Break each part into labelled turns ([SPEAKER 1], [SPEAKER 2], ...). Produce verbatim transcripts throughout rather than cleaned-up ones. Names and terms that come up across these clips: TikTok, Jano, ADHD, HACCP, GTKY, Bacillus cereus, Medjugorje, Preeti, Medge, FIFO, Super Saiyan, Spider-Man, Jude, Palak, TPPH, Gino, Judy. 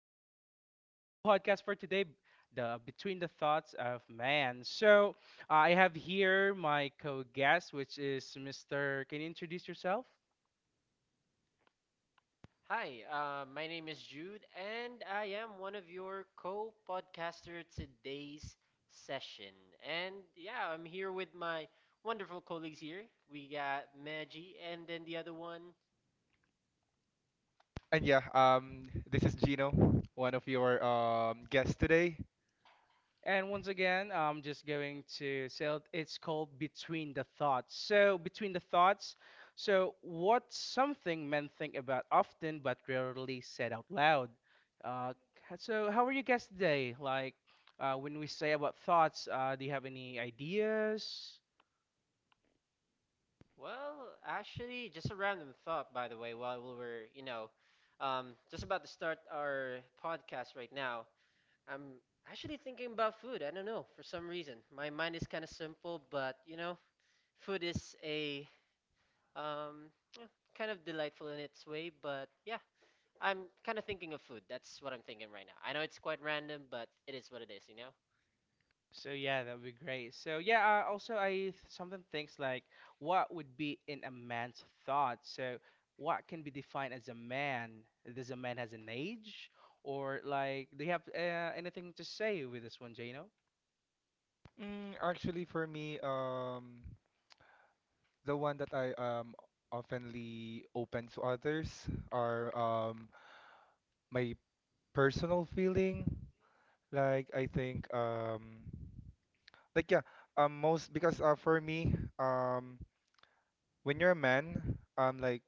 [SPEAKER 1] this is our podcast for today, the Between the Thoughts of Man. So I have here my co-guest, which is Mister Can you introduce yourself?
[SPEAKER 2] Hi, uh, my name is Jude, and I am one of your co podcaster today's session. And yeah, I'm here with my wonderful colleagues here. We got Maggie, and then the other one.
[SPEAKER 3] And yeah, um, this is Gino, one of your um guests today.
[SPEAKER 1] And once again, I'm just going to say it- it's called Between the Thoughts. So, Between the Thoughts, so what's something men think about often but rarely said out loud? Uh, h- so, how are you guys today? Like, uh, when we say about thoughts, uh, do you have any ideas?
[SPEAKER 2] Well, actually, just a random thought, by the way, while we were, you know, um, just about to start our podcast right now. I'm actually thinking about food. I don't know, for some reason. My mind is kind of simple, but, you know, food is a Um, yeah, kind of delightful in its way, but yeah, I'm kind of thinking of food. That's what I'm thinking right now. I know it's quite random, but it is what it is, you know?
[SPEAKER 1] So yeah, that would be great. So yeah, uh, also I th- something thinks like what would be in a man's thought. So what can be defined as a man? Does a man has an age, or like do you have uh, anything to say with this one, Jano?
[SPEAKER 3] Mm, actually, for me, um, the one that I um oftenly open to others are um my personal feeling. Like I think um like yeah um most because uh, for me um when you're a man um like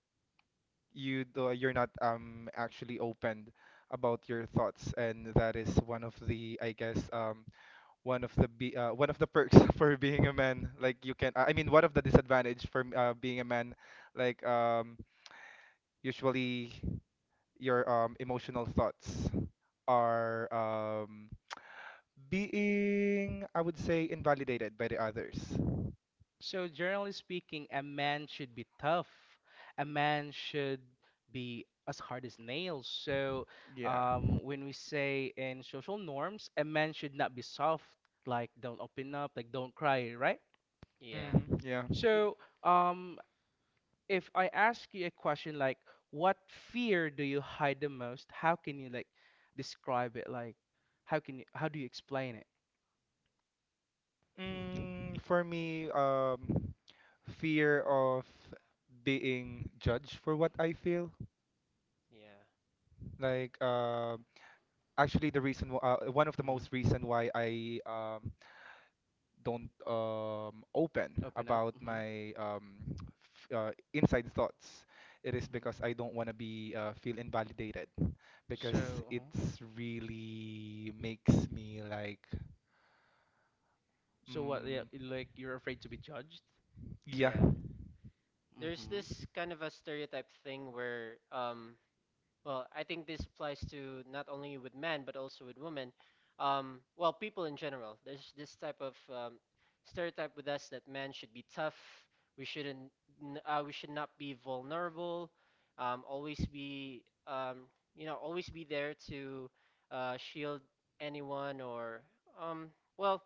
[SPEAKER 3] you do, you're not um actually open about your thoughts, and that is one of the I guess um one of the be uh, one of the perks for being a man, like you can uh, I mean one of the disadvantage for uh, being a man, like um usually your um emotional thoughts are um being, I would say, invalidated by the others.
[SPEAKER 1] So generally speaking, a man should be tough. A man should be as hard as nails. So
[SPEAKER 3] Yeah.
[SPEAKER 1] um, when we say in social norms, a man should not be soft, like don't open up, like don't cry, right?
[SPEAKER 2] Yeah.
[SPEAKER 3] Hmm. Yeah.
[SPEAKER 2] We,
[SPEAKER 1] So, um, if I ask you a question like, what fear do you hide the most? How can you like describe it? Like, how can you, how do you explain it?
[SPEAKER 2] hmm,
[SPEAKER 3] Mm, for me, um fear of being judged for what I feel.
[SPEAKER 2] yeah,
[SPEAKER 3] Like um actually the reason wh- uh, one of the
[SPEAKER 1] Hmm.
[SPEAKER 3] most reason why I um don't um, open
[SPEAKER 1] Open up.
[SPEAKER 3] about
[SPEAKER 1] Hmm.
[SPEAKER 3] my um, f- uh, inside thoughts. It is because
[SPEAKER 1] Hmm.
[SPEAKER 3] I don't want to be uh, feel invalidated, because
[SPEAKER 2] yeah,
[SPEAKER 1] So, uh,
[SPEAKER 3] it's really makes me like,
[SPEAKER 1] so what? Yeah,
[SPEAKER 3] mm,
[SPEAKER 1] like you're afraid to be judged.
[SPEAKER 3] yeah.
[SPEAKER 2] yeah.
[SPEAKER 1] Hmm.
[SPEAKER 2] There's
[SPEAKER 1] Hmm.
[SPEAKER 2] this kind of a stereotype thing where um well, I think this applies to not only with men but also with women. Um, well, people in general. There's this type of um, stereotype with us that men should be tough. We shouldn't. N- Uh, we should not be vulnerable. Um, always be. Um, you know, always be there to uh, shield anyone or. Um, well,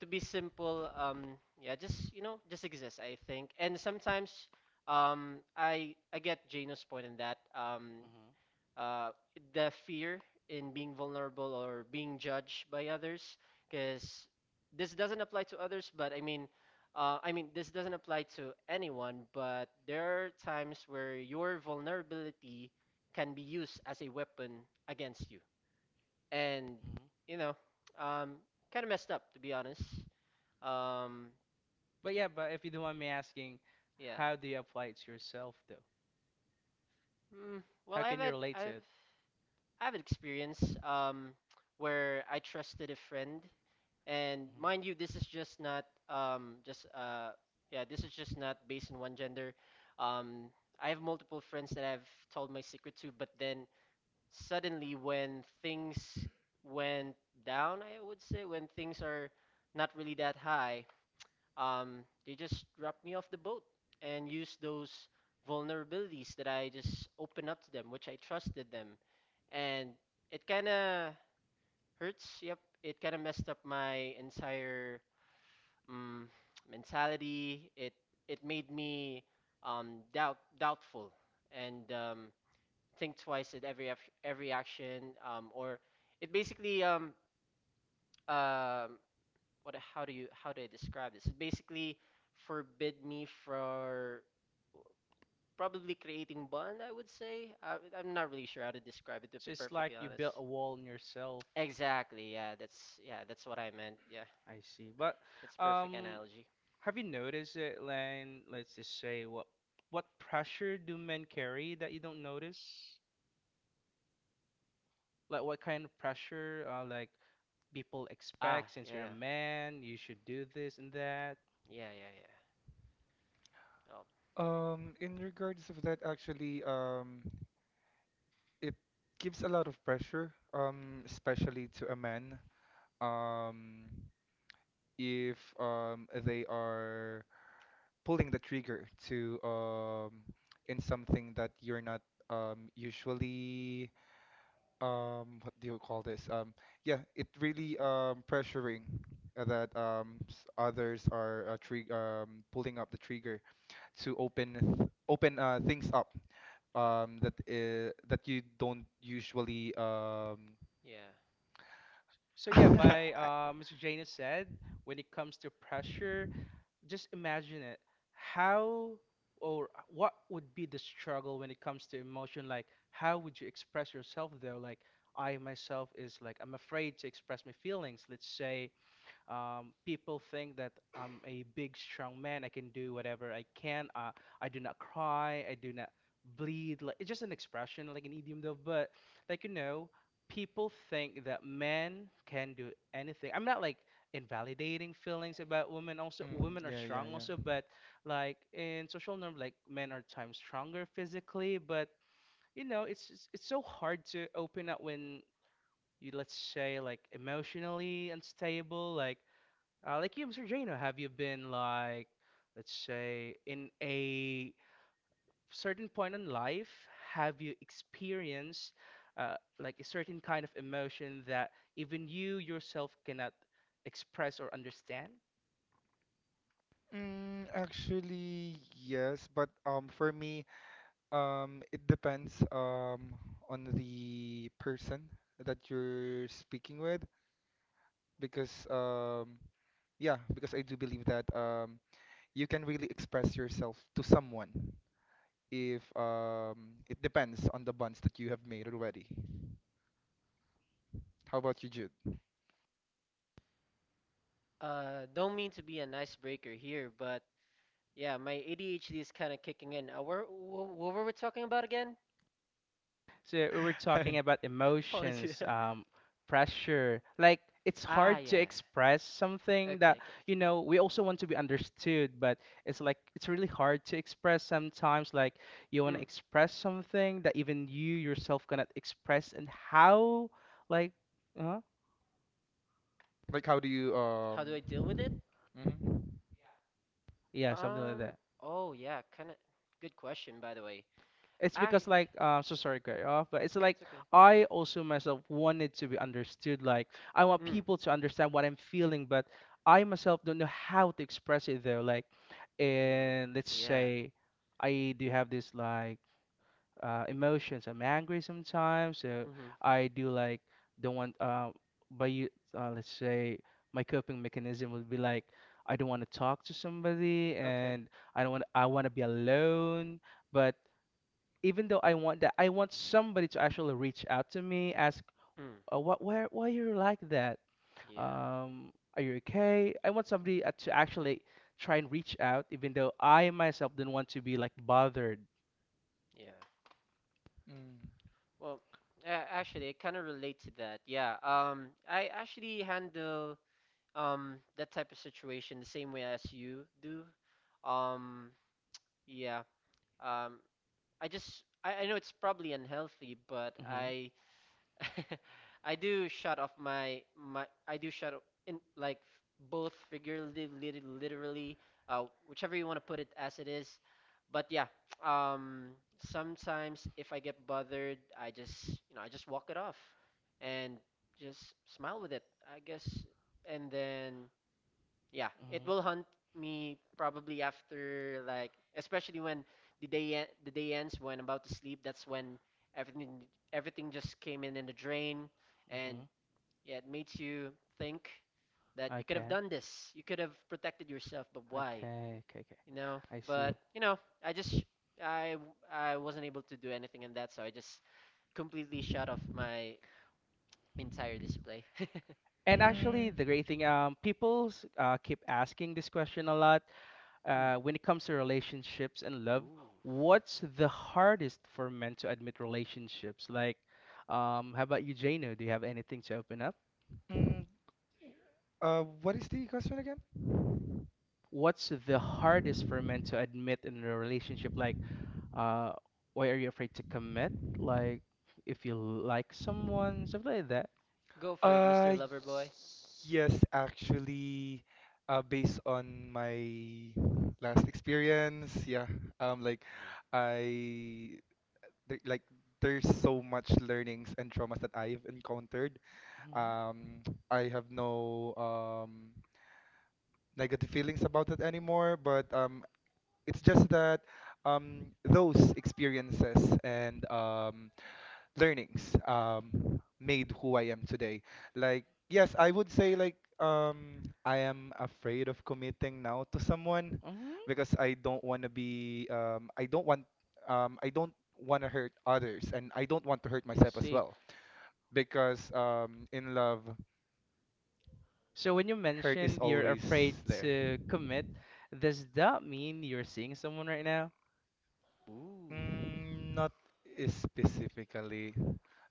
[SPEAKER 2] to be simple. Um, yeah, just you know, just exist, I think. And sometimes, um, I I get Jano's point in that. Um,
[SPEAKER 1] Hmm.
[SPEAKER 2] uh, the fear in being vulnerable or being judged by others, because this doesn't apply to others, but i mean uh, i mean this doesn't apply to anyone, but there are times where your vulnerability can be used as a weapon against you. And you know, um, kind of messed up to be honest um,
[SPEAKER 1] But yeah, but if you don't mind me asking,
[SPEAKER 2] yeah.
[SPEAKER 1] how do you apply it to yourself though?
[SPEAKER 2] Mm, well,
[SPEAKER 1] How
[SPEAKER 2] I've
[SPEAKER 1] can you
[SPEAKER 2] had
[SPEAKER 1] relate to
[SPEAKER 2] I've
[SPEAKER 1] it?
[SPEAKER 2] I've had experience um where I trusted a friend. And
[SPEAKER 1] Mhm.
[SPEAKER 2] mind you, this is just not um just uh yeah, this is just not based on one gender. Um, I have multiple friends that I've told my secret to, but then suddenly when things went down, I would say when things are not really that high, um, they just dropped me off the boat and used those vulnerabilities that I just opened up to them, which I trusted them, and it kind of hurts. Yep, it kind of messed up my entire mm, mentality. It it made me um, doubt doubtful and um, think twice at every ac- every action. Um, or it basically um, um what how do you how do I describe this? It basically forbid me for probably creating bond. I would say I, I'm not really sure how to describe it, to be
[SPEAKER 1] So it's like
[SPEAKER 2] perfectly
[SPEAKER 1] you built
[SPEAKER 2] honest.
[SPEAKER 1] a wall in yourself.
[SPEAKER 2] Exactly. Yeah. That's yeah. That's what I meant. Yeah.
[SPEAKER 1] Yeah. I see. But
[SPEAKER 2] That's perfect
[SPEAKER 1] um,
[SPEAKER 2] analogy.
[SPEAKER 1] have you noticed it, Len? Let's just say what what pressure do men carry that you don't notice? Like what kind of pressure uh, like people
[SPEAKER 2] Ah.
[SPEAKER 1] expect since you're a
[SPEAKER 2] Yeah.
[SPEAKER 1] man, you should do this and that.
[SPEAKER 2] Yeah. Yeah. Yeah. Oh,
[SPEAKER 3] Um, in regards of that, actually, um, it gives a lot of pressure, um, especially to a man. Um, if um, they are pulling the trigger to um in something that you're not um usually, um what do you call this, um yeah, it really um pressuring, uh, that um s- others are uh, tri um pulling up the trigger to open th open uh things up, um that uh, that you don't usually um
[SPEAKER 2] yeah.
[SPEAKER 1] So yeah, by uh, Mister Janus said, when it comes to pressure, just imagine it. How or what would be the struggle when it comes to emotion? Like, how would you express yourself there? Like, I myself is like, I'm afraid to express my feelings. Let's say um, people think that I'm a big, strong man. I can do whatever I can. Uh, I do not cry. I do not bleed. Like it's just an expression, like an idiom, though. But like you know, people think that men can do anything. I'm not like invalidating feelings about women. Also,
[SPEAKER 3] Mm,
[SPEAKER 1] women are
[SPEAKER 3] yeah, yeah,
[SPEAKER 1] strong. Also,
[SPEAKER 3] yeah.
[SPEAKER 1] but like in social norm, like men are times stronger physically. But you know, it's it's it's so hard to open up when you let's say like emotionally unstable like uh, like you, Mister Jano, have you been like, let's say, in a certain point in life, have you experienced uh, like a certain kind of emotion that even you yourself cannot express or understand?
[SPEAKER 3] Mm, actually, yes, but um, for me, Um, it depends um on the person that you're speaking with, because um yeah, because I do believe that um you can really express yourself to someone if um it depends on the bonds that you have made already. How about you, Jude?
[SPEAKER 2] Uh, don't mean to be an icebreaker here, but yeah, my A D H D is kind of kicking in. Uh, where, wh what were we talking about again?
[SPEAKER 1] So we were talking about
[SPEAKER 2] Apologies.
[SPEAKER 1] emotions, um, pressure. Like it's
[SPEAKER 2] Ah,
[SPEAKER 1] hard to
[SPEAKER 2] yeah.
[SPEAKER 1] express something
[SPEAKER 2] Okay,
[SPEAKER 1] that,
[SPEAKER 2] okay,
[SPEAKER 1] you
[SPEAKER 2] okay.
[SPEAKER 1] know, we also want to be understood, but it's like it's really hard to express sometimes. Like you want to
[SPEAKER 2] Mm.
[SPEAKER 1] express something that even you yourself cannot express, and how, like, uh,
[SPEAKER 3] Like how do you
[SPEAKER 2] How
[SPEAKER 3] um
[SPEAKER 2] do I deal with it?
[SPEAKER 3] mhm.
[SPEAKER 1] yeah, something like
[SPEAKER 2] Um, oh yeah, kind of good question by the way.
[SPEAKER 1] it's
[SPEAKER 2] I.
[SPEAKER 1] because like uh, so sorry, cut off, but it's like
[SPEAKER 2] It's okay.
[SPEAKER 1] I also myself wanted to be understood. Like I want
[SPEAKER 2] Mm.
[SPEAKER 1] people to understand what I'm feeling, but I myself don't know how to express it though. Like,
[SPEAKER 2] Mhm.
[SPEAKER 1] and let's
[SPEAKER 2] Yeah.
[SPEAKER 1] say I do have this like uh, emotions. I'm angry sometimes, so
[SPEAKER 2] Mhm.
[SPEAKER 1] I do like don't want. Um, but you, uh, let's say my coping mechanism would be like I don't want to talk to somebody,
[SPEAKER 2] Okay.
[SPEAKER 1] and I don't want. I want to be alone, but even though I want that, I want somebody to actually reach out to me, ask,
[SPEAKER 2] Mm.
[SPEAKER 1] uh, what, why, why you're like that?
[SPEAKER 2] Yeah.
[SPEAKER 1] Um, are you okay? I want somebody uh, to actually try and reach out, even though I myself didn't want to be like bothered.
[SPEAKER 2] Yeah.
[SPEAKER 3] Mm.
[SPEAKER 2] Well, uh, actually, I kind of relate to that. Yeah. Um, I actually handle um that type of situation the same way as you do. Um, yeah. Um, I just I, I know it's probably unhealthy, but
[SPEAKER 1] Hmm.
[SPEAKER 2] I I do shut off my my I do shut off in like f- both figuratively literally, uh whichever you want to put it as it is. But yeah, um sometimes if I get bothered, I just you know I just walk it off and just smile with it, I guess. And then yeah, it
[SPEAKER 1] Hmm.
[SPEAKER 2] will hunt me probably after like especially when the day en- the day ends when I'm about to sleep. That's when everything everything just came in in the drain, and
[SPEAKER 1] Hmm.
[SPEAKER 2] yeah, it makes you think that you could have
[SPEAKER 1] Okay.
[SPEAKER 2] done this. You could have protected yourself, but why?
[SPEAKER 1] Okay, okay, okay.
[SPEAKER 2] You know.
[SPEAKER 1] I see.
[SPEAKER 2] But you know, I just I I wasn't able to do anything in that, so I just completely shut off my entire display.
[SPEAKER 1] And actually,
[SPEAKER 3] Mm,
[SPEAKER 1] the great thing, um, people uh, keep asking this question a lot.
[SPEAKER 2] Hmm.
[SPEAKER 1] Uh, when it comes to relationships and love,
[SPEAKER 2] Ooh.
[SPEAKER 1] what's the hardest for men to admit relationships? Like, um, how about you, Jano? Do you have anything to open up?
[SPEAKER 3] mm. Uh, what is the question again?
[SPEAKER 1] What's the hardest for men to admit in a relationship? Like, uh, why are you afraid to commit? Like, if you like someone, stuff like that.
[SPEAKER 2] Go for it, mister
[SPEAKER 3] Uh,
[SPEAKER 2] Loverboy.
[SPEAKER 3] yes, actually, uh, based on my last experience, yeah, um, like
[SPEAKER 2] Mm.
[SPEAKER 3] I, there, like there's so much learnings and traumas that I've encountered.
[SPEAKER 1] Hmm.
[SPEAKER 3] Um, I have no um negative feelings about it anymore, but um, it's just that um those experiences and um learnings um, made who I am today. Like, yes, I would say like, um, I am afraid of committing now to someone
[SPEAKER 1] Hmm.
[SPEAKER 3] because I don't want to be um, I don't want um, I don't want to hurt others and I don't want to hurt
[SPEAKER 1] I
[SPEAKER 3] myself as
[SPEAKER 1] see.
[SPEAKER 3] well, because um, in love,
[SPEAKER 1] So when you
[SPEAKER 3] hurt is
[SPEAKER 1] mentioned you're
[SPEAKER 3] always
[SPEAKER 1] afraid
[SPEAKER 3] there.
[SPEAKER 1] to commit, does that mean you're seeing someone right now?
[SPEAKER 2] Ooh.
[SPEAKER 3] Mm, not specifically.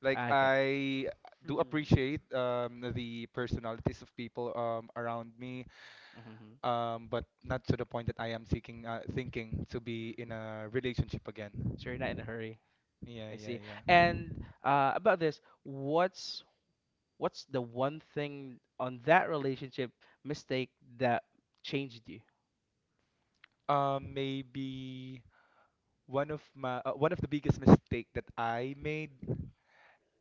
[SPEAKER 3] Like
[SPEAKER 1] Ah, okay.
[SPEAKER 3] I do appreciate
[SPEAKER 2] Hmm.
[SPEAKER 3] um, the personalities of people um, around me,
[SPEAKER 1] Hmm.
[SPEAKER 3] um, but not to the point that I am seeking, uh, thinking to be
[SPEAKER 2] Mm.
[SPEAKER 3] in a relationship again.
[SPEAKER 1] So you're not in a hurry.
[SPEAKER 3] Yeah,
[SPEAKER 1] I see.
[SPEAKER 3] yeah, yeah.
[SPEAKER 1] And uh, about this, what's what's the one thing on that relationship mistake that changed you?
[SPEAKER 3] Um, maybe one of my uh, one of the biggest mistake that I made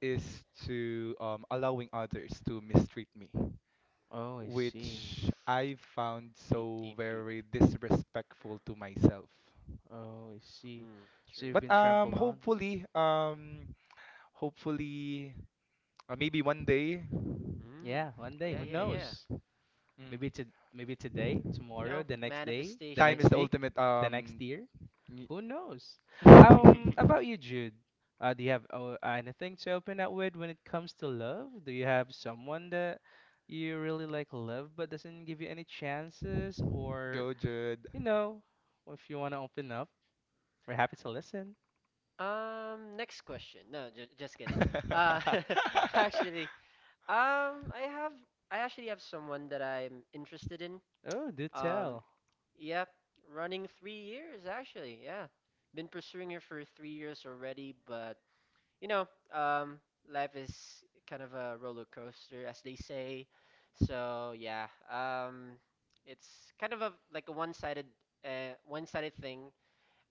[SPEAKER 3] is to um, allowing others to mistreat me,
[SPEAKER 1] Oh, I see.
[SPEAKER 2] Ooh.
[SPEAKER 3] which I found
[SPEAKER 2] Deep,
[SPEAKER 3] so
[SPEAKER 2] deep, deep.
[SPEAKER 3] very disrespectful to myself.
[SPEAKER 1] Oh, I see.
[SPEAKER 2] Mm. True.
[SPEAKER 1] So you've
[SPEAKER 3] But
[SPEAKER 1] been
[SPEAKER 3] um,
[SPEAKER 1] trampled on?
[SPEAKER 3] hopefully, um, hopefully, uh, maybe one day.
[SPEAKER 2] Mm.
[SPEAKER 1] Yeah, one day,
[SPEAKER 2] Yeah,
[SPEAKER 1] who
[SPEAKER 2] yeah,
[SPEAKER 3] Mm,
[SPEAKER 2] yeah.
[SPEAKER 1] knows?
[SPEAKER 3] mm,
[SPEAKER 1] Maybe to Maybe today,
[SPEAKER 2] You
[SPEAKER 1] tomorrow,
[SPEAKER 2] know,
[SPEAKER 1] the next day, the
[SPEAKER 3] time is
[SPEAKER 1] next
[SPEAKER 2] manifestation.
[SPEAKER 3] the
[SPEAKER 1] week,
[SPEAKER 3] ultimate
[SPEAKER 1] the next
[SPEAKER 3] um
[SPEAKER 1] year. Who knows? Um, about you, Jude. Uh, do you have uh, anything to open up with when it comes to love? Do you have someone that you really like love but doesn't give you any chances? Or,
[SPEAKER 3] Go, Jude.
[SPEAKER 1] you know, if you want to open up, we're happy to listen.
[SPEAKER 2] Um, next question. No, ju just kidding. Uh, actually, um, I have, I actually have someone that I'm interested in.
[SPEAKER 1] Oh, do
[SPEAKER 2] Um,
[SPEAKER 1] tell.
[SPEAKER 2] yep, running three years actually. Yeah, been pursuing her for three years already, but you know, um, life is kind of a roller coaster, as they say. So yeah, um, it's kind of a like a one-sided, uh, one-sided thing.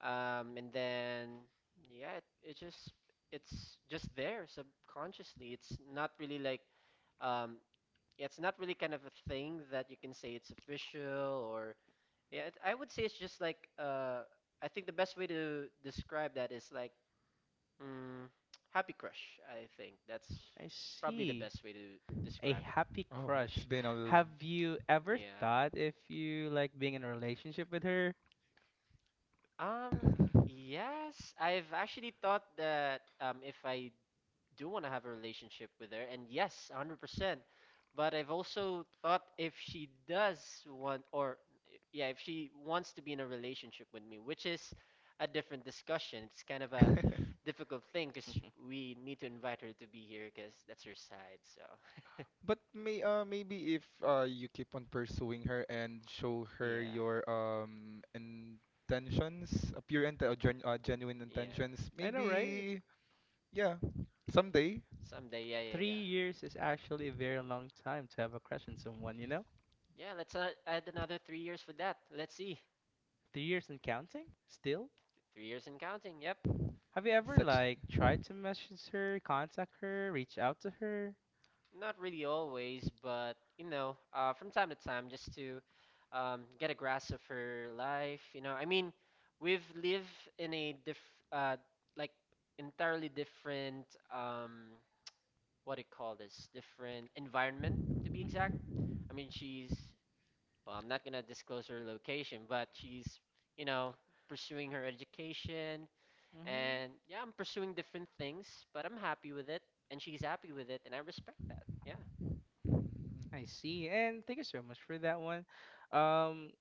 [SPEAKER 2] Um, and then yeah, it, it just it's just there subconsciously. It's not really like um, yeah, it's not really kind of a thing that you can say it's official or yeah. It, I would say it's just like uh, I think the best way to describe that is like mm, happy crush, I think. That's
[SPEAKER 1] I
[SPEAKER 2] probably the
[SPEAKER 1] see.
[SPEAKER 2] best way to
[SPEAKER 1] A
[SPEAKER 2] describe it.
[SPEAKER 1] happy
[SPEAKER 3] Oh, it's
[SPEAKER 1] crush.
[SPEAKER 3] been a l-
[SPEAKER 1] Have you ever
[SPEAKER 2] Yeah.
[SPEAKER 1] thought if you like being in a relationship with her?
[SPEAKER 2] Um, yes, I've actually thought that um if I do want to have a relationship with her, and yes, one hundred percent. But I've also thought if she does want or yeah, if she wants to be in a relationship with me, which is a different discussion. It's kind of a difficult thing because we need to invite her to be here because that's her side. So,
[SPEAKER 3] But may uh maybe if uh you keep on pursuing her and show her
[SPEAKER 2] yeah.
[SPEAKER 3] your um intentions, uh, pure and uh, gen uh, genuine
[SPEAKER 2] Yeah.
[SPEAKER 3] intentions,
[SPEAKER 1] I know, right?
[SPEAKER 3] maybe, yeah, someday.
[SPEAKER 2] Someday, yeah, yeah,
[SPEAKER 1] Three
[SPEAKER 2] yeah.
[SPEAKER 1] years is actually a very long time to have a crush on
[SPEAKER 3] Mm.
[SPEAKER 1] someone, you know?
[SPEAKER 2] Yeah, let's uh, add another three years for that. Let's see.
[SPEAKER 1] Three years and counting, still?
[SPEAKER 2] Three years and counting, yep.
[SPEAKER 1] Have you ever,
[SPEAKER 3] Such
[SPEAKER 1] like, tried to message her, contact her, reach out to her?
[SPEAKER 2] Not really always, but you know, uh, from time to time, just to um, get a grasp of her life. You know, I mean, we've lived in a diff, uh, like entirely different, um, what do you call this? Different environment, to be exact.
[SPEAKER 1] Mm-hmm.
[SPEAKER 2] I mean, she's, well, I'm not gonna disclose her location, but she's, you know, pursuing her education.
[SPEAKER 1] Mm-hmm.
[SPEAKER 2] And yeah, I'm pursuing different things, but I'm happy with it, and she's happy with it, and I respect that. Yeah.
[SPEAKER 1] I see. And thank you so much for that one. Um,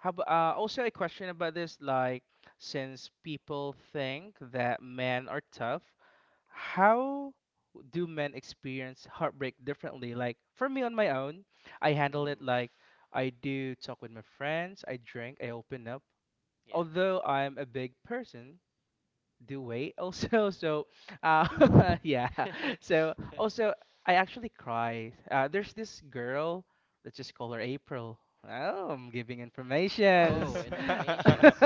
[SPEAKER 1] how about, uh, also a question about this, like, since people think that men are tough, how do men experience heartbreak differently? Like for me on my own, I handle it
[SPEAKER 2] Ooh,
[SPEAKER 1] like I do talk with my friends, I drink, I open up.
[SPEAKER 2] yeah.
[SPEAKER 1] Although I'm a big person, do weight also. So, uh, yeah. So also, I actually cry. Uh, there's this girl. Let's just call her April. Oh, I'm giving
[SPEAKER 2] Oh,
[SPEAKER 1] informations.
[SPEAKER 2] informations.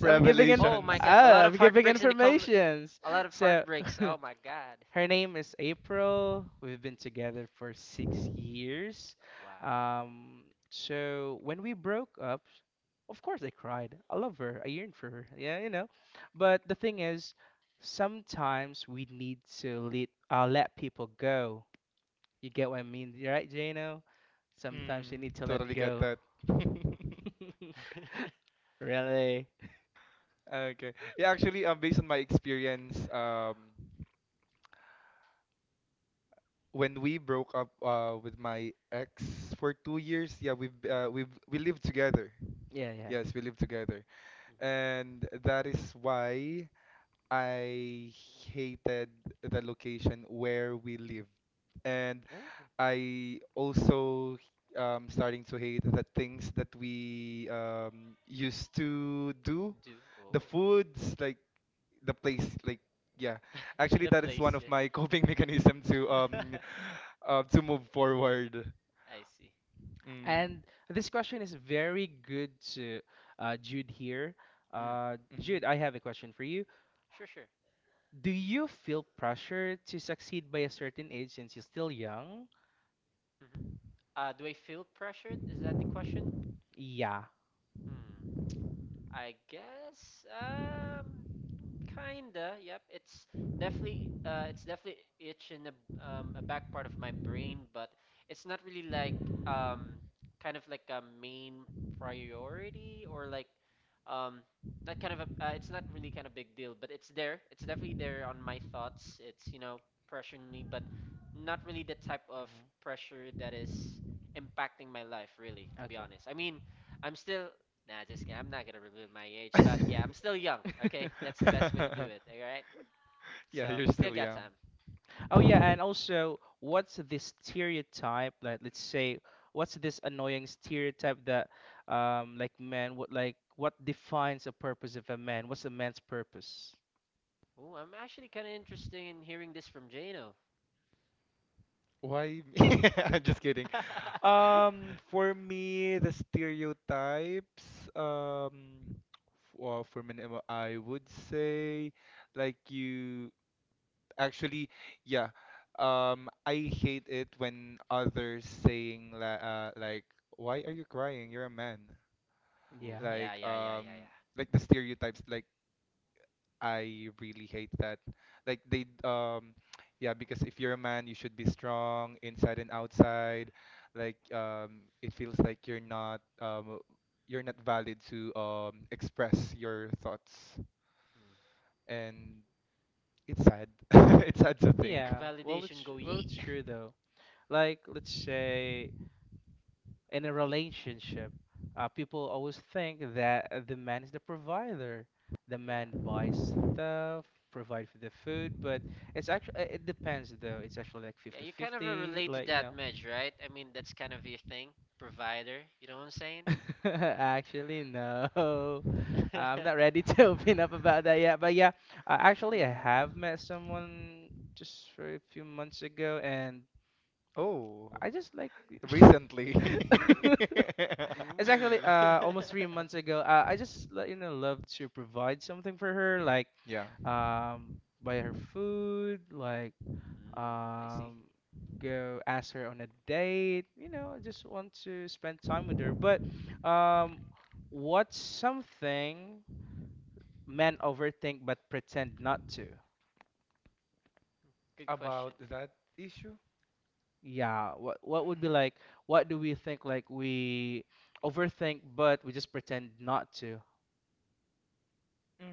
[SPEAKER 1] I'm giving in.
[SPEAKER 2] Oh my
[SPEAKER 3] revelations.
[SPEAKER 2] God, a
[SPEAKER 1] Oh,
[SPEAKER 2] lot of
[SPEAKER 1] I'm giving
[SPEAKER 2] heartbreaks in the com.
[SPEAKER 1] informations.
[SPEAKER 2] A lot of
[SPEAKER 1] So.
[SPEAKER 2] heartbreaks. Oh my God.
[SPEAKER 1] Her name is April. We've been together for six years.
[SPEAKER 2] Wow.
[SPEAKER 1] Um, so when we broke up, of course I cried. I love her. I yearned for her. Yeah, you know. But the thing is, sometimes we need to let uh, let people go. You get what I mean, right, Jano? Sometimes you
[SPEAKER 3] Mm,
[SPEAKER 1] need to let
[SPEAKER 3] totally get
[SPEAKER 2] Yeah.
[SPEAKER 1] go.
[SPEAKER 3] that.
[SPEAKER 1] Really?
[SPEAKER 3] Okay. Yeah, actually, um, based on my experience, um, when we broke up uh, with my ex for two years, yeah, we've
[SPEAKER 2] Mm,
[SPEAKER 3] uh, we've we lived together.
[SPEAKER 1] Yeah, yeah.
[SPEAKER 3] Yes, we lived together,
[SPEAKER 2] mhm.
[SPEAKER 3] and that is why I hated the location where we lived, and
[SPEAKER 1] Oh.
[SPEAKER 3] I also um starting to hate the things that we um used to do,
[SPEAKER 2] Do
[SPEAKER 3] the
[SPEAKER 2] oh
[SPEAKER 3] foods like, the place like, yeah, actually
[SPEAKER 2] the
[SPEAKER 3] that is
[SPEAKER 2] place.
[SPEAKER 3] one of my coping mechanism to
[SPEAKER 2] Yeah.
[SPEAKER 3] um uh, to move forward.
[SPEAKER 2] I see.
[SPEAKER 3] Mm,
[SPEAKER 1] And this question is very good to uh, Jude here.
[SPEAKER 2] Mm.
[SPEAKER 1] Uh,
[SPEAKER 3] mm.
[SPEAKER 1] Jude, I have a question for you.
[SPEAKER 2] Sure, sure.
[SPEAKER 1] Do you feel pressure to succeed by a certain age since you're still young?
[SPEAKER 2] Hmm. Uh, do I feel pressured? Is that the question?
[SPEAKER 1] Yeah.
[SPEAKER 2] Hmm. I guess um kinda. Yep. It's definitely uh it's definitely itch in the um a back part of my brain, but it's not really like um kind of like a main priority or like um not kind of a uh, it's not really kind of big deal, but it's there. It's definitely there on my thoughts. It's, you know, pressuring me, but not really the type of pressure that is impacting my life really,
[SPEAKER 1] Mhm.
[SPEAKER 2] to be
[SPEAKER 1] Okay.
[SPEAKER 2] honest. I mean, I'm still Nah, just kidding. I'm not gonna reveal my age, but yeah, I'm still young. Okay, that's the best way to do it. All right,
[SPEAKER 3] Yeah,
[SPEAKER 2] so
[SPEAKER 3] you're
[SPEAKER 2] still
[SPEAKER 3] still
[SPEAKER 2] got
[SPEAKER 3] young.
[SPEAKER 2] time.
[SPEAKER 1] Oh yeah, and also, what's this stereotype like? Let's say, what's this annoying stereotype that, um, like men, what like what defines a purpose of a man? What's a man's purpose?
[SPEAKER 2] Ooh, I'm actually kind of interested in hearing this from Jano.
[SPEAKER 3] Why me? Just kidding. Um for me, the stereotypes, um well, for me, I would say like you. Actually, yeah. Um, I hate it when others saying la uh, like, "Why are you crying? You're a man."
[SPEAKER 2] Ooh,
[SPEAKER 1] Yeah.
[SPEAKER 2] yeah,
[SPEAKER 3] Like,
[SPEAKER 2] yeah, yeah, yeah,
[SPEAKER 3] um,
[SPEAKER 2] yeah,
[SPEAKER 3] like the stereotypes. Like, I really hate that. Like they, um, yeah, because if you're a man, you should be strong inside and
[SPEAKER 2] yeah.
[SPEAKER 3] outside. Like, um, it feels like you're not, um, you're not valid to um express your thoughts, and it's sad. It's
[SPEAKER 2] Mm,
[SPEAKER 3] sad to think.
[SPEAKER 2] yeah.
[SPEAKER 1] Yeah, well,
[SPEAKER 2] Validation
[SPEAKER 1] it's
[SPEAKER 2] go
[SPEAKER 1] well,
[SPEAKER 2] yeet.
[SPEAKER 1] it's true though. Like, let's say in a relationship, uh, people always think that the man is the provider. The
[SPEAKER 2] Yeah,
[SPEAKER 1] man buys stuff, provide for the food, but it's actually it depends though. It's actually like
[SPEAKER 2] yeah. You kind of
[SPEAKER 1] fifty-fifty.
[SPEAKER 2] relate to
[SPEAKER 1] Like you
[SPEAKER 2] that,
[SPEAKER 1] know.
[SPEAKER 2] Medge, right? I mean, that's kind of your thing, provider. You know what I'm saying?
[SPEAKER 1] Actually, no. I'm not ready to open up about that yet. But yeah, uh, actually, I have
[SPEAKER 2] Mm.
[SPEAKER 1] met someone just for a few months ago, and
[SPEAKER 3] Oh.
[SPEAKER 1] I just like
[SPEAKER 3] Recently.
[SPEAKER 1] it's actually
[SPEAKER 2] Ooh.
[SPEAKER 1] uh almost three months ago. Uh, I just let you know love to provide something for her, like
[SPEAKER 3] Yeah,
[SPEAKER 1] um buy her food, like
[SPEAKER 2] Mm, I see.
[SPEAKER 1] um go ask her on a date. You know, I just want to spend time with her. But um, what's something men overthink but pretend not to?
[SPEAKER 2] Good
[SPEAKER 3] about
[SPEAKER 2] question.
[SPEAKER 3] that issue.
[SPEAKER 1] Yeah, what what would be like? What do we think like we overthink but we just pretend not to?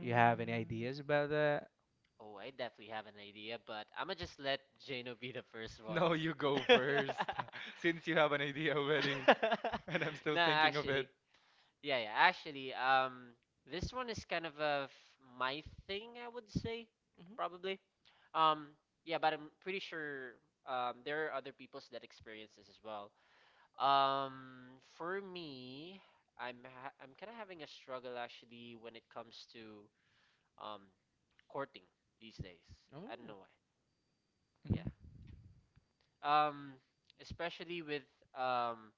[SPEAKER 1] You have any ideas about that?
[SPEAKER 2] Oh, I definitely have an idea, but I'm gonna just let Jano be the first one.
[SPEAKER 3] no, you go first. Since you have an idea already, and I'm still
[SPEAKER 2] Nah,
[SPEAKER 3] thinking of
[SPEAKER 2] actually,
[SPEAKER 3] it.
[SPEAKER 2] yeah, yeah, actually, um, this one is kind of a f- my thing, I would say,
[SPEAKER 1] Hmm.
[SPEAKER 2] probably. Um, yeah, but I'm pretty sure um there are other people's that experience this as well. Um, for me, I'm ha I'm kind of having a struggle actually when it comes to um courting these days. I don't
[SPEAKER 1] Oh.
[SPEAKER 2] know why. Yeah. Um, especially with um,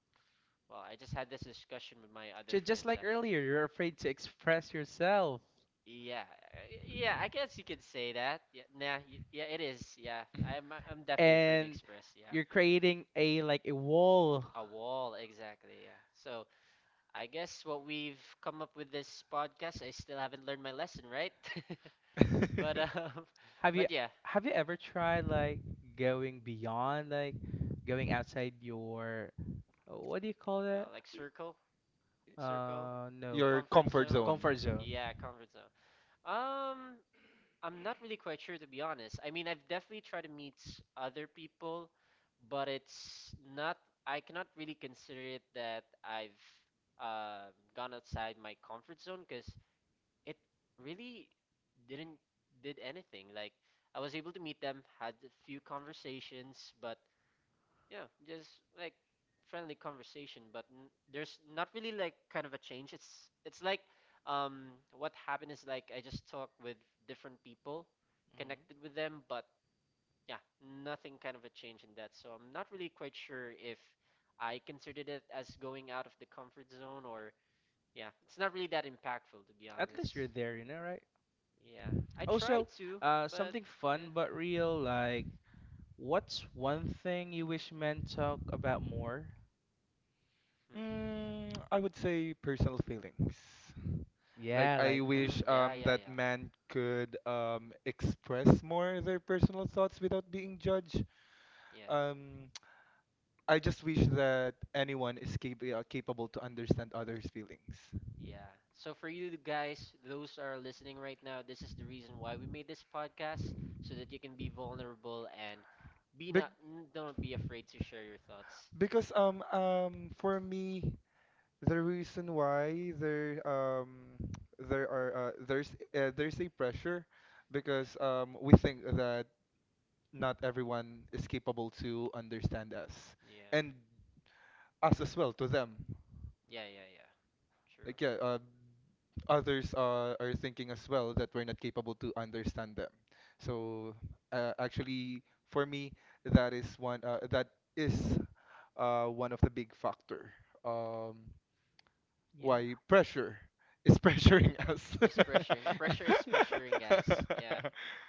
[SPEAKER 2] well, I just had this discussion with my other
[SPEAKER 1] Ju- just
[SPEAKER 2] friends
[SPEAKER 1] like
[SPEAKER 2] actually.
[SPEAKER 1] earlier, you're afraid to express yourself.
[SPEAKER 2] Yeah, I- yeah, I guess you could say that. Yeah, nah, y- yeah, it is. Yeah, I'm, I'm definitely afraid to
[SPEAKER 1] And
[SPEAKER 2] express. Yeah,
[SPEAKER 1] you're creating a like a wall.
[SPEAKER 2] a wall, exactly. Yeah. So I guess what we've come up with this podcast, I still haven't learned my lesson, right?
[SPEAKER 3] Mhm.
[SPEAKER 2] But um,
[SPEAKER 1] Have you
[SPEAKER 2] but yeah,
[SPEAKER 1] have you ever tried like going beyond like going outside your what do you call
[SPEAKER 2] uh,
[SPEAKER 1] that?
[SPEAKER 2] like circle, circle,
[SPEAKER 1] Uh no.
[SPEAKER 3] Your
[SPEAKER 2] comfort
[SPEAKER 3] comfort zone.
[SPEAKER 2] zone.
[SPEAKER 1] Comfort zone.
[SPEAKER 2] Yeah, comfort zone. Um, I'm not really quite sure to be honest. I mean, I've definitely tried to meet s- other people, but it's not, I cannot really consider it that I've uh, gone outside my comfort zone because it really didn't did anything. Like I was able to meet them, had a few conversations, but yeah, just like friendly conversation, but n there's not really like kind of a change. It's it's like um what happened is like I just talked with different people, connected with them, but yeah, nothing kind of a change in that. So I'm not really quite sure if I considered it as going out of the comfort zone or yeah, it's not really that impactful to be
[SPEAKER 1] At least
[SPEAKER 2] honest.
[SPEAKER 1] you're there, you know, right?
[SPEAKER 2] Yeah, I tried
[SPEAKER 1] Also,
[SPEAKER 2] to,
[SPEAKER 1] uh,
[SPEAKER 2] but
[SPEAKER 1] something
[SPEAKER 2] yeah.
[SPEAKER 1] fun but real, like, what's one thing you wish men talk about more?
[SPEAKER 2] Hmm.
[SPEAKER 3] Mm, I would say personal feelings. Like
[SPEAKER 1] Yeah,
[SPEAKER 3] I
[SPEAKER 1] like,
[SPEAKER 2] Mm,
[SPEAKER 3] wish
[SPEAKER 1] hmm.
[SPEAKER 2] yeah,
[SPEAKER 3] um
[SPEAKER 2] yeah,
[SPEAKER 3] that
[SPEAKER 2] yeah.
[SPEAKER 3] man could um express more their personal thoughts without being judged.
[SPEAKER 2] Yeah.
[SPEAKER 3] Um I just wish that anyone is cap- uh, capable to understand others' feelings.
[SPEAKER 2] Yeah. So for you guys, those are listening right now, this is the reason why we made this podcast so that you can be vulnerable and be
[SPEAKER 3] Be-
[SPEAKER 2] not n- don't be afraid to share your thoughts.
[SPEAKER 3] because um um for me, the reason why there um there are uh, there's uh, there's a pressure,
[SPEAKER 2] Yeah.
[SPEAKER 3] because um we think that not everyone is capable to understand us,
[SPEAKER 2] Yeah.
[SPEAKER 3] and us as well to them,
[SPEAKER 2] Yeah, yeah, yeah. True.
[SPEAKER 3] like, yeah, uh, others uh, are thinking as well that we're not capable to understand them. So, uh, actually, for me, that is one uh, that is uh, one of the big factor, um,
[SPEAKER 1] Yeah.
[SPEAKER 3] why pressure is pressuring us.
[SPEAKER 2] It's pressuring. Pressure is pressuring, guys. Yeah.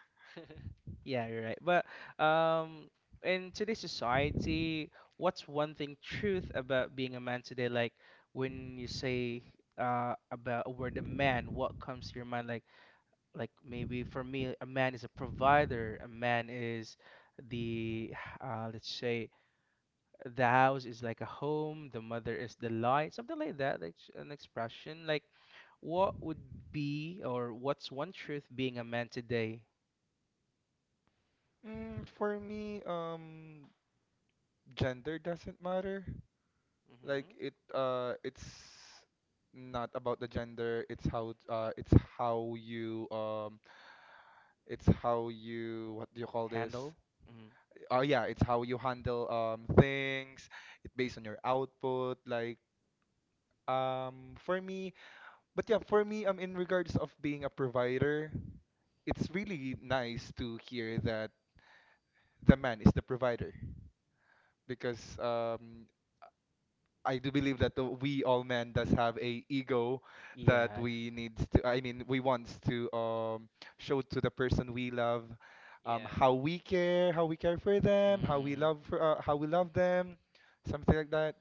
[SPEAKER 1] Yeah, you're right. But um, in today's society, what's one thing truth about being a man today? Like when you say uh about a word a man, what comes to your mind? Like like maybe for me, a man is a provider. A man is the uh let's say the house is like a home, the mother is the light, something like that. Like sh- an expression. Like what would be or what's one truth being a man today?
[SPEAKER 3] Mm,
[SPEAKER 2] Mm.
[SPEAKER 3] for me, um, gender doesn't matter.
[SPEAKER 1] Hmm.
[SPEAKER 3] Like it, uh, it's not about the gender. It's how, uh, it's how you, um, It's how you, what do you call
[SPEAKER 1] Handle?
[SPEAKER 3] this?
[SPEAKER 1] Hmm.
[SPEAKER 3] Oh yeah, it's how you handle um things. It based on your output. Like um for me, but yeah, for me, um in regards of being a provider, it's really nice to hear that the man is the provider, because um I do believe that uh, we all men does have a ego that
[SPEAKER 1] Yeah.
[SPEAKER 3] we need to, I mean, we wants to um, show to the person we love, um,
[SPEAKER 2] Yeah.
[SPEAKER 3] how we care, how we care for
[SPEAKER 1] Mm.
[SPEAKER 3] them, how we
[SPEAKER 1] Mm.
[SPEAKER 3] love for, uh, how we love them, something like that.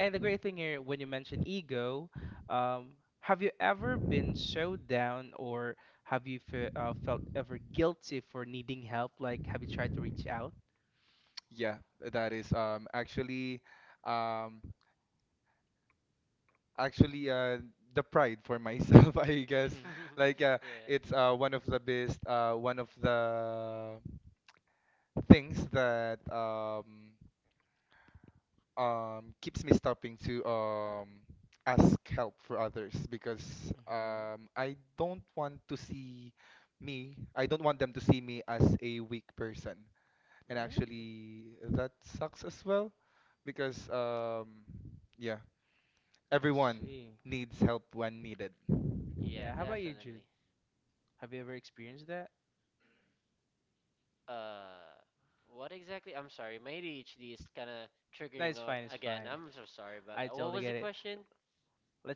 [SPEAKER 1] And the great thing here, when you mention ego, um, have you ever been so down, or have you fe uh, felt ever guilty for needing help? Like, have you tried to reach out?
[SPEAKER 3] Yeah, that is um, actually um, actually uh, the pride for myself, I guess.
[SPEAKER 1] Mm-hmm.
[SPEAKER 3] Like, uh,
[SPEAKER 2] Yeah.
[SPEAKER 3] it's uh, one of the best, uh, one of the things that um, um keeps me stopping to um ask help for others, because um I don't want to see me, I don't want them to see me as a weak person. And
[SPEAKER 2] Mm.
[SPEAKER 1] Mm-hmm.
[SPEAKER 3] actually that sucks as well, because um yeah,
[SPEAKER 2] Yeah.
[SPEAKER 1] I
[SPEAKER 3] everyone
[SPEAKER 1] see.
[SPEAKER 3] needs help when needed.
[SPEAKER 2] Yeah,
[SPEAKER 1] Yeah, how about you, Jude?
[SPEAKER 2] definitely.
[SPEAKER 1] Have you ever experienced that?
[SPEAKER 2] Uh, what exactly? I'm sorry, my A D H D is kind of
[SPEAKER 1] That
[SPEAKER 2] triggering
[SPEAKER 1] is
[SPEAKER 2] o-
[SPEAKER 1] fine, it's
[SPEAKER 2] again.
[SPEAKER 1] fine.
[SPEAKER 2] I'm so sorry about
[SPEAKER 1] I
[SPEAKER 2] that. What
[SPEAKER 1] totally
[SPEAKER 2] was the
[SPEAKER 1] get it.
[SPEAKER 2] question?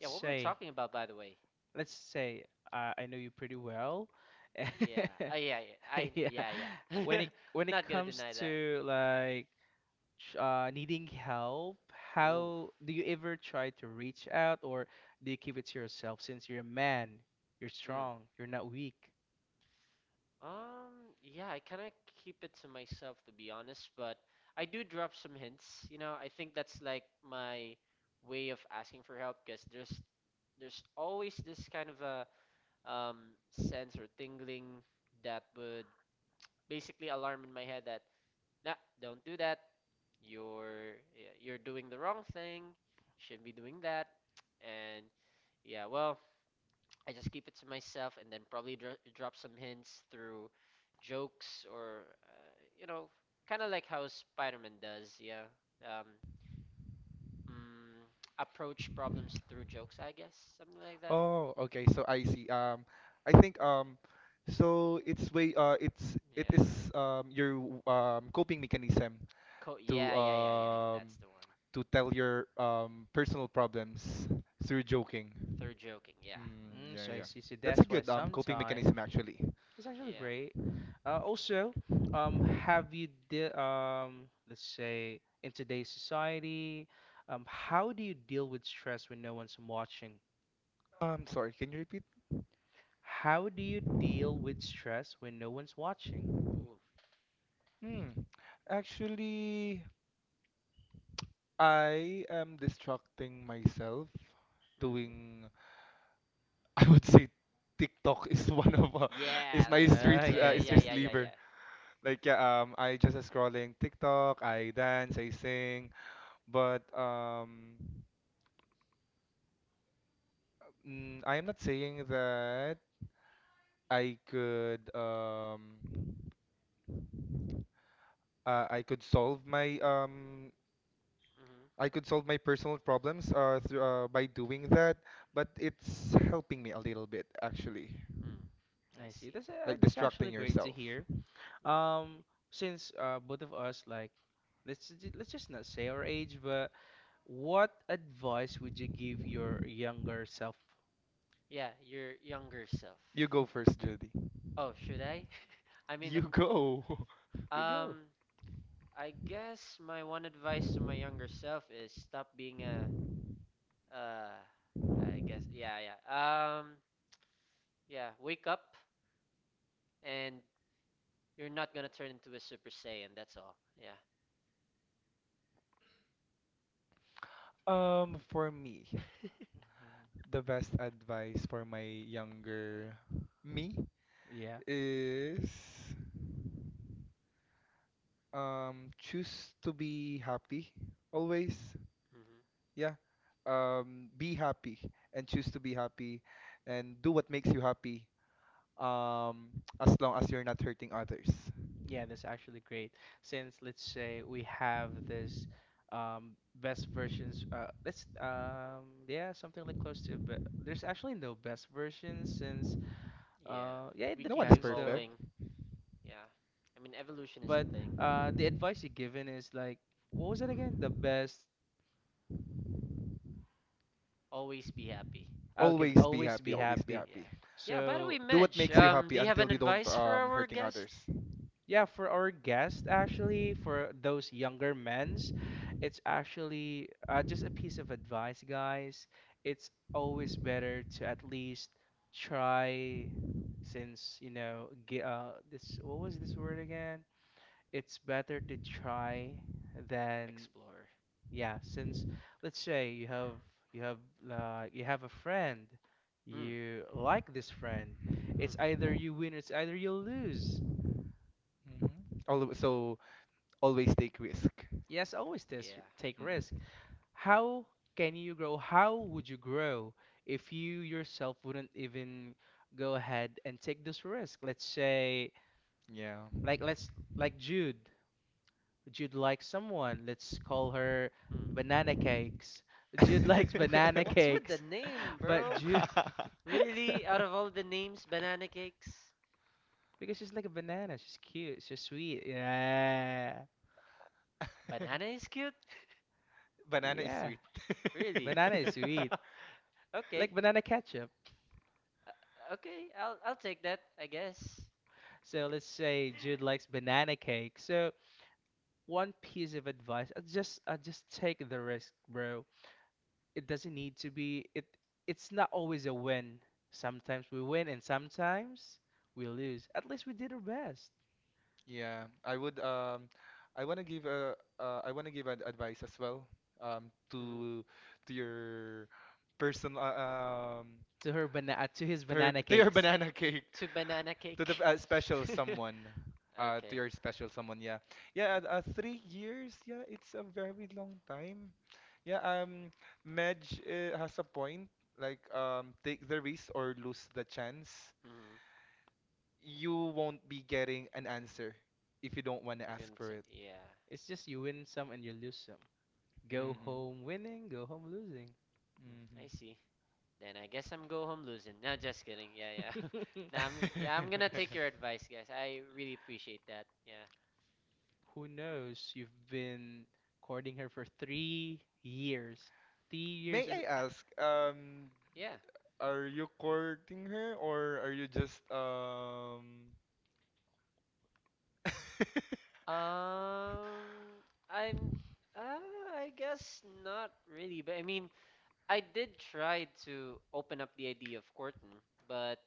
[SPEAKER 2] Yeah, what were we
[SPEAKER 1] say,
[SPEAKER 2] talking about, by the way?
[SPEAKER 1] let's say, uh, I know you pretty well.
[SPEAKER 2] Yeah. Oh, yeah, yeah. I
[SPEAKER 1] Yeah.
[SPEAKER 2] yeah, yeah.
[SPEAKER 1] When it when it
[SPEAKER 2] Not gonna
[SPEAKER 1] comes
[SPEAKER 2] deny that.
[SPEAKER 1] to like ch- uh, needing help,
[SPEAKER 2] Ooh.
[SPEAKER 1] how do you ever try to reach out, or do you keep it to yourself? Since you're a man, you're
[SPEAKER 2] Mm.
[SPEAKER 1] strong, you're not weak.
[SPEAKER 2] Um, yeah, I kind of keep it to myself to be honest, but I do drop some hints. You know, I think that's like my way of asking for help because there's there's always this kind of a um, sense or tingling that would basically alarm in my head that nah, don't do that. You're yeah, you're doing the wrong thing. Shouldn't be doing that. And yeah, well, I just keep it to myself and then probably dro drop some hints through jokes or uh, you know, kind of like how Spider-Man does. Yeah. Um, mm, Approach problems through jokes, I guess, something like that.
[SPEAKER 3] Oh, okay, so I see. Um I think, um so it's way uh it's it
[SPEAKER 2] Yeah.
[SPEAKER 3] is um your um coping mechanism
[SPEAKER 2] Co-
[SPEAKER 3] to
[SPEAKER 2] yeah, yeah, yeah, yeah, yeah. That's
[SPEAKER 3] um
[SPEAKER 2] the one.
[SPEAKER 3] to tell your um, personal problems through joking.
[SPEAKER 2] Third joking. Yeah.
[SPEAKER 3] Mm,
[SPEAKER 1] Mm,
[SPEAKER 3] yeah,
[SPEAKER 1] so I
[SPEAKER 3] yeah.
[SPEAKER 1] see. So
[SPEAKER 3] That's a
[SPEAKER 1] that's why
[SPEAKER 3] good um coping
[SPEAKER 1] sometimes
[SPEAKER 3] mechanism
[SPEAKER 1] mm,
[SPEAKER 3] actually.
[SPEAKER 1] It's actually
[SPEAKER 2] Yeah.
[SPEAKER 1] great. Uh, also, um, have you de um, Let's say in today's society, um, how do you deal with stress when no one's watching?
[SPEAKER 3] Um, sorry, can you repeat?
[SPEAKER 1] How do you deal with stress when no one's watching?
[SPEAKER 2] Ooh.
[SPEAKER 3] Hmm. Actually, I am distracting myself
[SPEAKER 2] Mm.
[SPEAKER 1] hmm
[SPEAKER 3] doing. I would say TikTok is one of uh, is
[SPEAKER 2] Yeah,
[SPEAKER 3] my
[SPEAKER 2] let's go.
[SPEAKER 1] Ah,
[SPEAKER 3] street
[SPEAKER 2] Yeah, yeah,
[SPEAKER 1] okay,
[SPEAKER 3] uh,
[SPEAKER 2] yeah,
[SPEAKER 1] okay.
[SPEAKER 3] street
[SPEAKER 2] yeah, yeah,
[SPEAKER 3] lever.
[SPEAKER 2] yeah.
[SPEAKER 3] Like, yeah, um, I just scrolling TikTok. I dance, I sing, but um, mm, I am not saying that. I could um uh, I could solve my um
[SPEAKER 2] Hmm.
[SPEAKER 3] I could solve my personal problems uh, through, uh by doing that, but it's helping me a little bit actually,
[SPEAKER 2] Mm. I
[SPEAKER 1] I see.
[SPEAKER 2] see.
[SPEAKER 1] That's uh,
[SPEAKER 3] like
[SPEAKER 1] that's actually
[SPEAKER 3] distracting
[SPEAKER 1] great to
[SPEAKER 3] yourself.
[SPEAKER 1] hear.
[SPEAKER 2] Yeah.
[SPEAKER 1] Um, since uh both of us, like, let's ju- let's just not say our age, but what advice would you give your younger self?
[SPEAKER 2] Yeah, your younger self.
[SPEAKER 3] You go first, Judy.
[SPEAKER 2] Oh, should I? I mean,
[SPEAKER 3] You go.
[SPEAKER 2] I'm,
[SPEAKER 1] You go.
[SPEAKER 2] um, I guess my one advice to my younger self is stop being a Uh, I guess. Yeah, yeah. Um, yeah. Wake up, and you're not gonna turn into a Super Saiyan. That's all. Yeah.
[SPEAKER 3] Um, for me,
[SPEAKER 1] Mhm.
[SPEAKER 3] the best advice for my younger me
[SPEAKER 1] Yeah,
[SPEAKER 3] is um choose to be happy always.
[SPEAKER 2] Hmm.
[SPEAKER 3] Yeah, um be happy and choose to be happy and do what makes you happy, um as long as you're not hurting others.
[SPEAKER 1] yeah, that's actually great. Since, let's say, we have this um best versions uh let's um yeah, something like close to be, there's actually no best versions since
[SPEAKER 2] Yeah.
[SPEAKER 1] uh yeah, it
[SPEAKER 2] We
[SPEAKER 3] No one
[SPEAKER 2] keep
[SPEAKER 3] is
[SPEAKER 1] depends though.
[SPEAKER 3] perfect.
[SPEAKER 2] evolving. Yeah. I mean, evolution is a
[SPEAKER 1] But
[SPEAKER 2] thing.
[SPEAKER 1] uh the advice you're given is like, what was it again? The best.
[SPEAKER 2] Always be happy.
[SPEAKER 1] Ah, okay,
[SPEAKER 3] Always be
[SPEAKER 1] always
[SPEAKER 3] happy,
[SPEAKER 1] be
[SPEAKER 3] always be
[SPEAKER 1] happy.
[SPEAKER 3] happy.
[SPEAKER 2] Yeah. Yeah. By the way,
[SPEAKER 1] So
[SPEAKER 3] Do what
[SPEAKER 2] Medj,
[SPEAKER 3] makes you
[SPEAKER 2] um,
[SPEAKER 3] happy
[SPEAKER 2] do you have an
[SPEAKER 3] until you don't
[SPEAKER 2] advice for
[SPEAKER 3] um
[SPEAKER 2] our
[SPEAKER 3] hurting
[SPEAKER 2] guest?
[SPEAKER 3] others.
[SPEAKER 1] yeah, for our guest, actually, for those younger men's, it's actually uh, just a piece of advice, guys. It's always better to at least try, since, you know, ge- uh, this, what was this word again? It's better to try than,
[SPEAKER 2] Explorer.
[SPEAKER 1] yeah, since, let's say you have, you have, uh, you have a friend,
[SPEAKER 2] Mm,
[SPEAKER 1] you like this friend.
[SPEAKER 2] mm, mm.
[SPEAKER 1] It's either you win, it's either you lose.
[SPEAKER 3] Hmm. Alw So always take risk.
[SPEAKER 1] Yes, always tes-
[SPEAKER 2] Yeah.
[SPEAKER 1] take risk.
[SPEAKER 3] Mm.
[SPEAKER 1] How can you grow? How would you grow if you yourself wouldn't even go ahead and take this risk? Let's say,
[SPEAKER 3] Yeah.
[SPEAKER 1] like let's like Jude. Jude likes someone. Let's call her
[SPEAKER 2] Mm.
[SPEAKER 1] Banana Cakes. Jude likes banana
[SPEAKER 2] What's with the
[SPEAKER 1] cakes,
[SPEAKER 2] name,
[SPEAKER 1] but
[SPEAKER 2] bro?
[SPEAKER 1] Jude
[SPEAKER 2] Really? Out of all the names, banana cakes?
[SPEAKER 1] because she's like a banana. She's cute. She's sweet. Yeah,
[SPEAKER 2] Banana is cute?
[SPEAKER 3] Banana is
[SPEAKER 1] yeah.
[SPEAKER 3] sweet.
[SPEAKER 2] Really?
[SPEAKER 1] Banana is sweet.
[SPEAKER 2] Okay.
[SPEAKER 1] Like banana ketchup.
[SPEAKER 2] Uh, okay, I'll I'll take that, I guess.
[SPEAKER 1] So let's say Jude likes banana cake. So one piece of advice, I just I just take the risk, bro. It doesn't need to be it it's not always a win. Sometimes we win and sometimes we lose. At least we did our best
[SPEAKER 3] Yeah, I would um I want to give a uh, I want to give an advice as well, um
[SPEAKER 2] Mhm.
[SPEAKER 3] to to your personal, uh, um
[SPEAKER 1] to her banana, to his
[SPEAKER 3] to her,
[SPEAKER 1] banana
[SPEAKER 3] to your
[SPEAKER 1] cakes.
[SPEAKER 3] banana cake,
[SPEAKER 2] To banana
[SPEAKER 3] to the
[SPEAKER 2] cake.
[SPEAKER 3] uh, special someone uh to
[SPEAKER 2] Okay.
[SPEAKER 3] your special someone, yeah. Yeah, uh, uh, 3 years, yeah, it's a very long time. Yeah, um Medj, uh, has a point, like, um take the risk or lose the chance.
[SPEAKER 2] Hmm.
[SPEAKER 3] You won't be getting an answer if you don't want to
[SPEAKER 2] If you
[SPEAKER 3] ask
[SPEAKER 2] don't
[SPEAKER 3] for
[SPEAKER 2] say-
[SPEAKER 3] it.
[SPEAKER 2] Yeah.
[SPEAKER 1] It's just you win some and you lose some. Go
[SPEAKER 3] Hmm.
[SPEAKER 1] home winning, go home losing.
[SPEAKER 2] Mm, I
[SPEAKER 3] Mhm.
[SPEAKER 2] see. Then I guess I'm go home losing. No, just kidding. Yeah, yeah. Nah, I'm, yeah, I'm gonna take your advice, guys. I really appreciate that. Yeah,
[SPEAKER 1] Who knows? You've been courting her for three years. Three years
[SPEAKER 3] May
[SPEAKER 1] is.
[SPEAKER 3] I ask, um,
[SPEAKER 2] yeah.
[SPEAKER 3] are you courting her, or are you just um?
[SPEAKER 2] Um, I'm. Uh, I guess not really, but I mean, I did try to open up the idea of Corton, but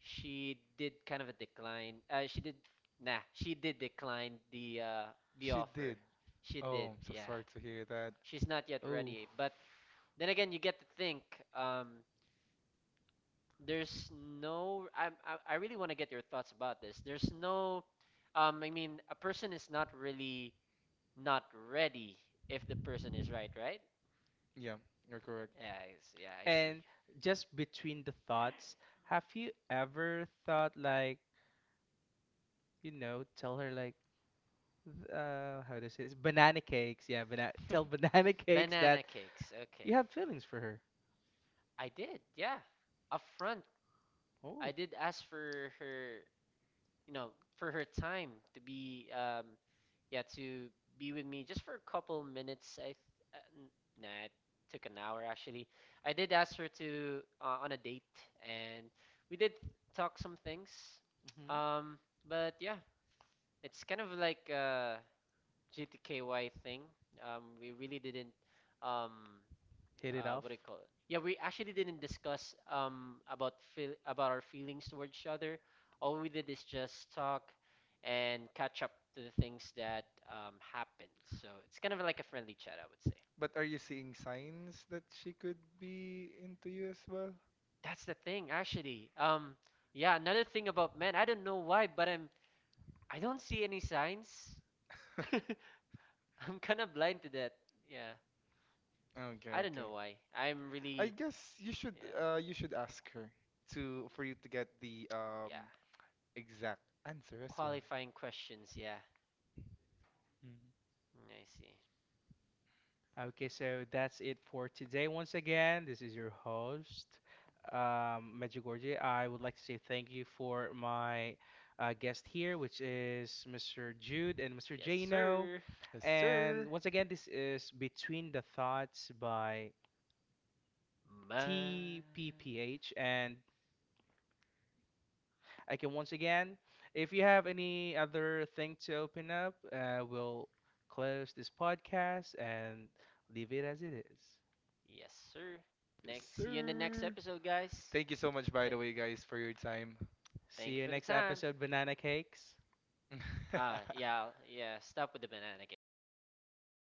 [SPEAKER 2] she did kind of a decline. Uh, she did. Nah, she did decline the uh the
[SPEAKER 3] She
[SPEAKER 2] offer.
[SPEAKER 3] did.
[SPEAKER 2] She
[SPEAKER 3] Oh,
[SPEAKER 2] did.
[SPEAKER 3] I'm so
[SPEAKER 2] Yeah,
[SPEAKER 3] sorry to hear that.
[SPEAKER 2] she's not yet
[SPEAKER 1] Oh.
[SPEAKER 2] ready. But then again, you get to think. Um there's no I I, I really want to get your thoughts about this. There's no um I mean a person is not really not ready if the person is right, right?
[SPEAKER 3] Yeah, you're correct.
[SPEAKER 2] Yeah, I, s- yeah, I see.
[SPEAKER 1] And just between the thoughts, have you ever thought like, you know, tell her like, th- uh, how do I say this? Banana cakes, yeah, banana. Tell banana cakes that
[SPEAKER 2] Banana cakes. Okay.
[SPEAKER 1] you have feelings for her.
[SPEAKER 2] I did. Yeah. Up front, I
[SPEAKER 1] Oh.
[SPEAKER 2] did ask for her you know, for her time to be, um, yeah, to be with me just for a couple minutes. I, th- uh, n- nah, it took an hour actually. I did ask her to uh, on a date, and we did talk some things.
[SPEAKER 1] Hmm.
[SPEAKER 2] Um, but yeah, it's kind of like a G T K Y thing. Um, we really didn't um
[SPEAKER 1] Hit it
[SPEAKER 2] uh,
[SPEAKER 1] off.
[SPEAKER 2] what do you call it? Yeah, we actually didn't discuss um about feel about our feelings towards each other. All we did is just talk and catch up to the things that um happened. So it's kind of like a friendly chat, I would say.
[SPEAKER 3] But are you seeing signs that she could be into you as well?
[SPEAKER 2] That's the thing, actually. Um, yeah, another thing about men, I don't know why, but I'm I don't see any signs. I'm kind of blind to that. Yeah, I
[SPEAKER 3] Okay,
[SPEAKER 2] don't
[SPEAKER 3] okay.
[SPEAKER 2] know why. I'm
[SPEAKER 3] I
[SPEAKER 2] really
[SPEAKER 3] guess you should
[SPEAKER 2] yeah.
[SPEAKER 3] uh you should ask her to for you to get the
[SPEAKER 2] Yeah,
[SPEAKER 3] um exact answer as well.
[SPEAKER 2] qualifying questions, yeah.
[SPEAKER 3] Mm.
[SPEAKER 2] Mm, I see.
[SPEAKER 1] Okay, so that's it for today. Once again, this is your host, um, Medjugorje. I would like to say thank you for my uh, guest here, which is mister Jude and mister
[SPEAKER 2] Yes,
[SPEAKER 1] Jano.
[SPEAKER 2] sir.
[SPEAKER 3] Yes,
[SPEAKER 1] And
[SPEAKER 3] sir.
[SPEAKER 1] once again, this is Between the Thoughts by
[SPEAKER 2] Man.
[SPEAKER 1] T P P H. And I can once again, if you have any other thing to open up, uh, we'll close this podcast and leave it as it is.
[SPEAKER 2] Yes, sir.
[SPEAKER 3] Yes,
[SPEAKER 2] Next, see you in the next
[SPEAKER 3] sir.
[SPEAKER 2] episode, guys.
[SPEAKER 3] Thank you so much, by the
[SPEAKER 2] Thank,
[SPEAKER 3] way, guys, for your time.
[SPEAKER 1] See
[SPEAKER 2] thank you
[SPEAKER 1] you
[SPEAKER 2] for the
[SPEAKER 1] next
[SPEAKER 2] time.
[SPEAKER 1] episode, Banana Cakes.
[SPEAKER 2] Ah, yeah, yeah. Stop with the banana cakes. Come on.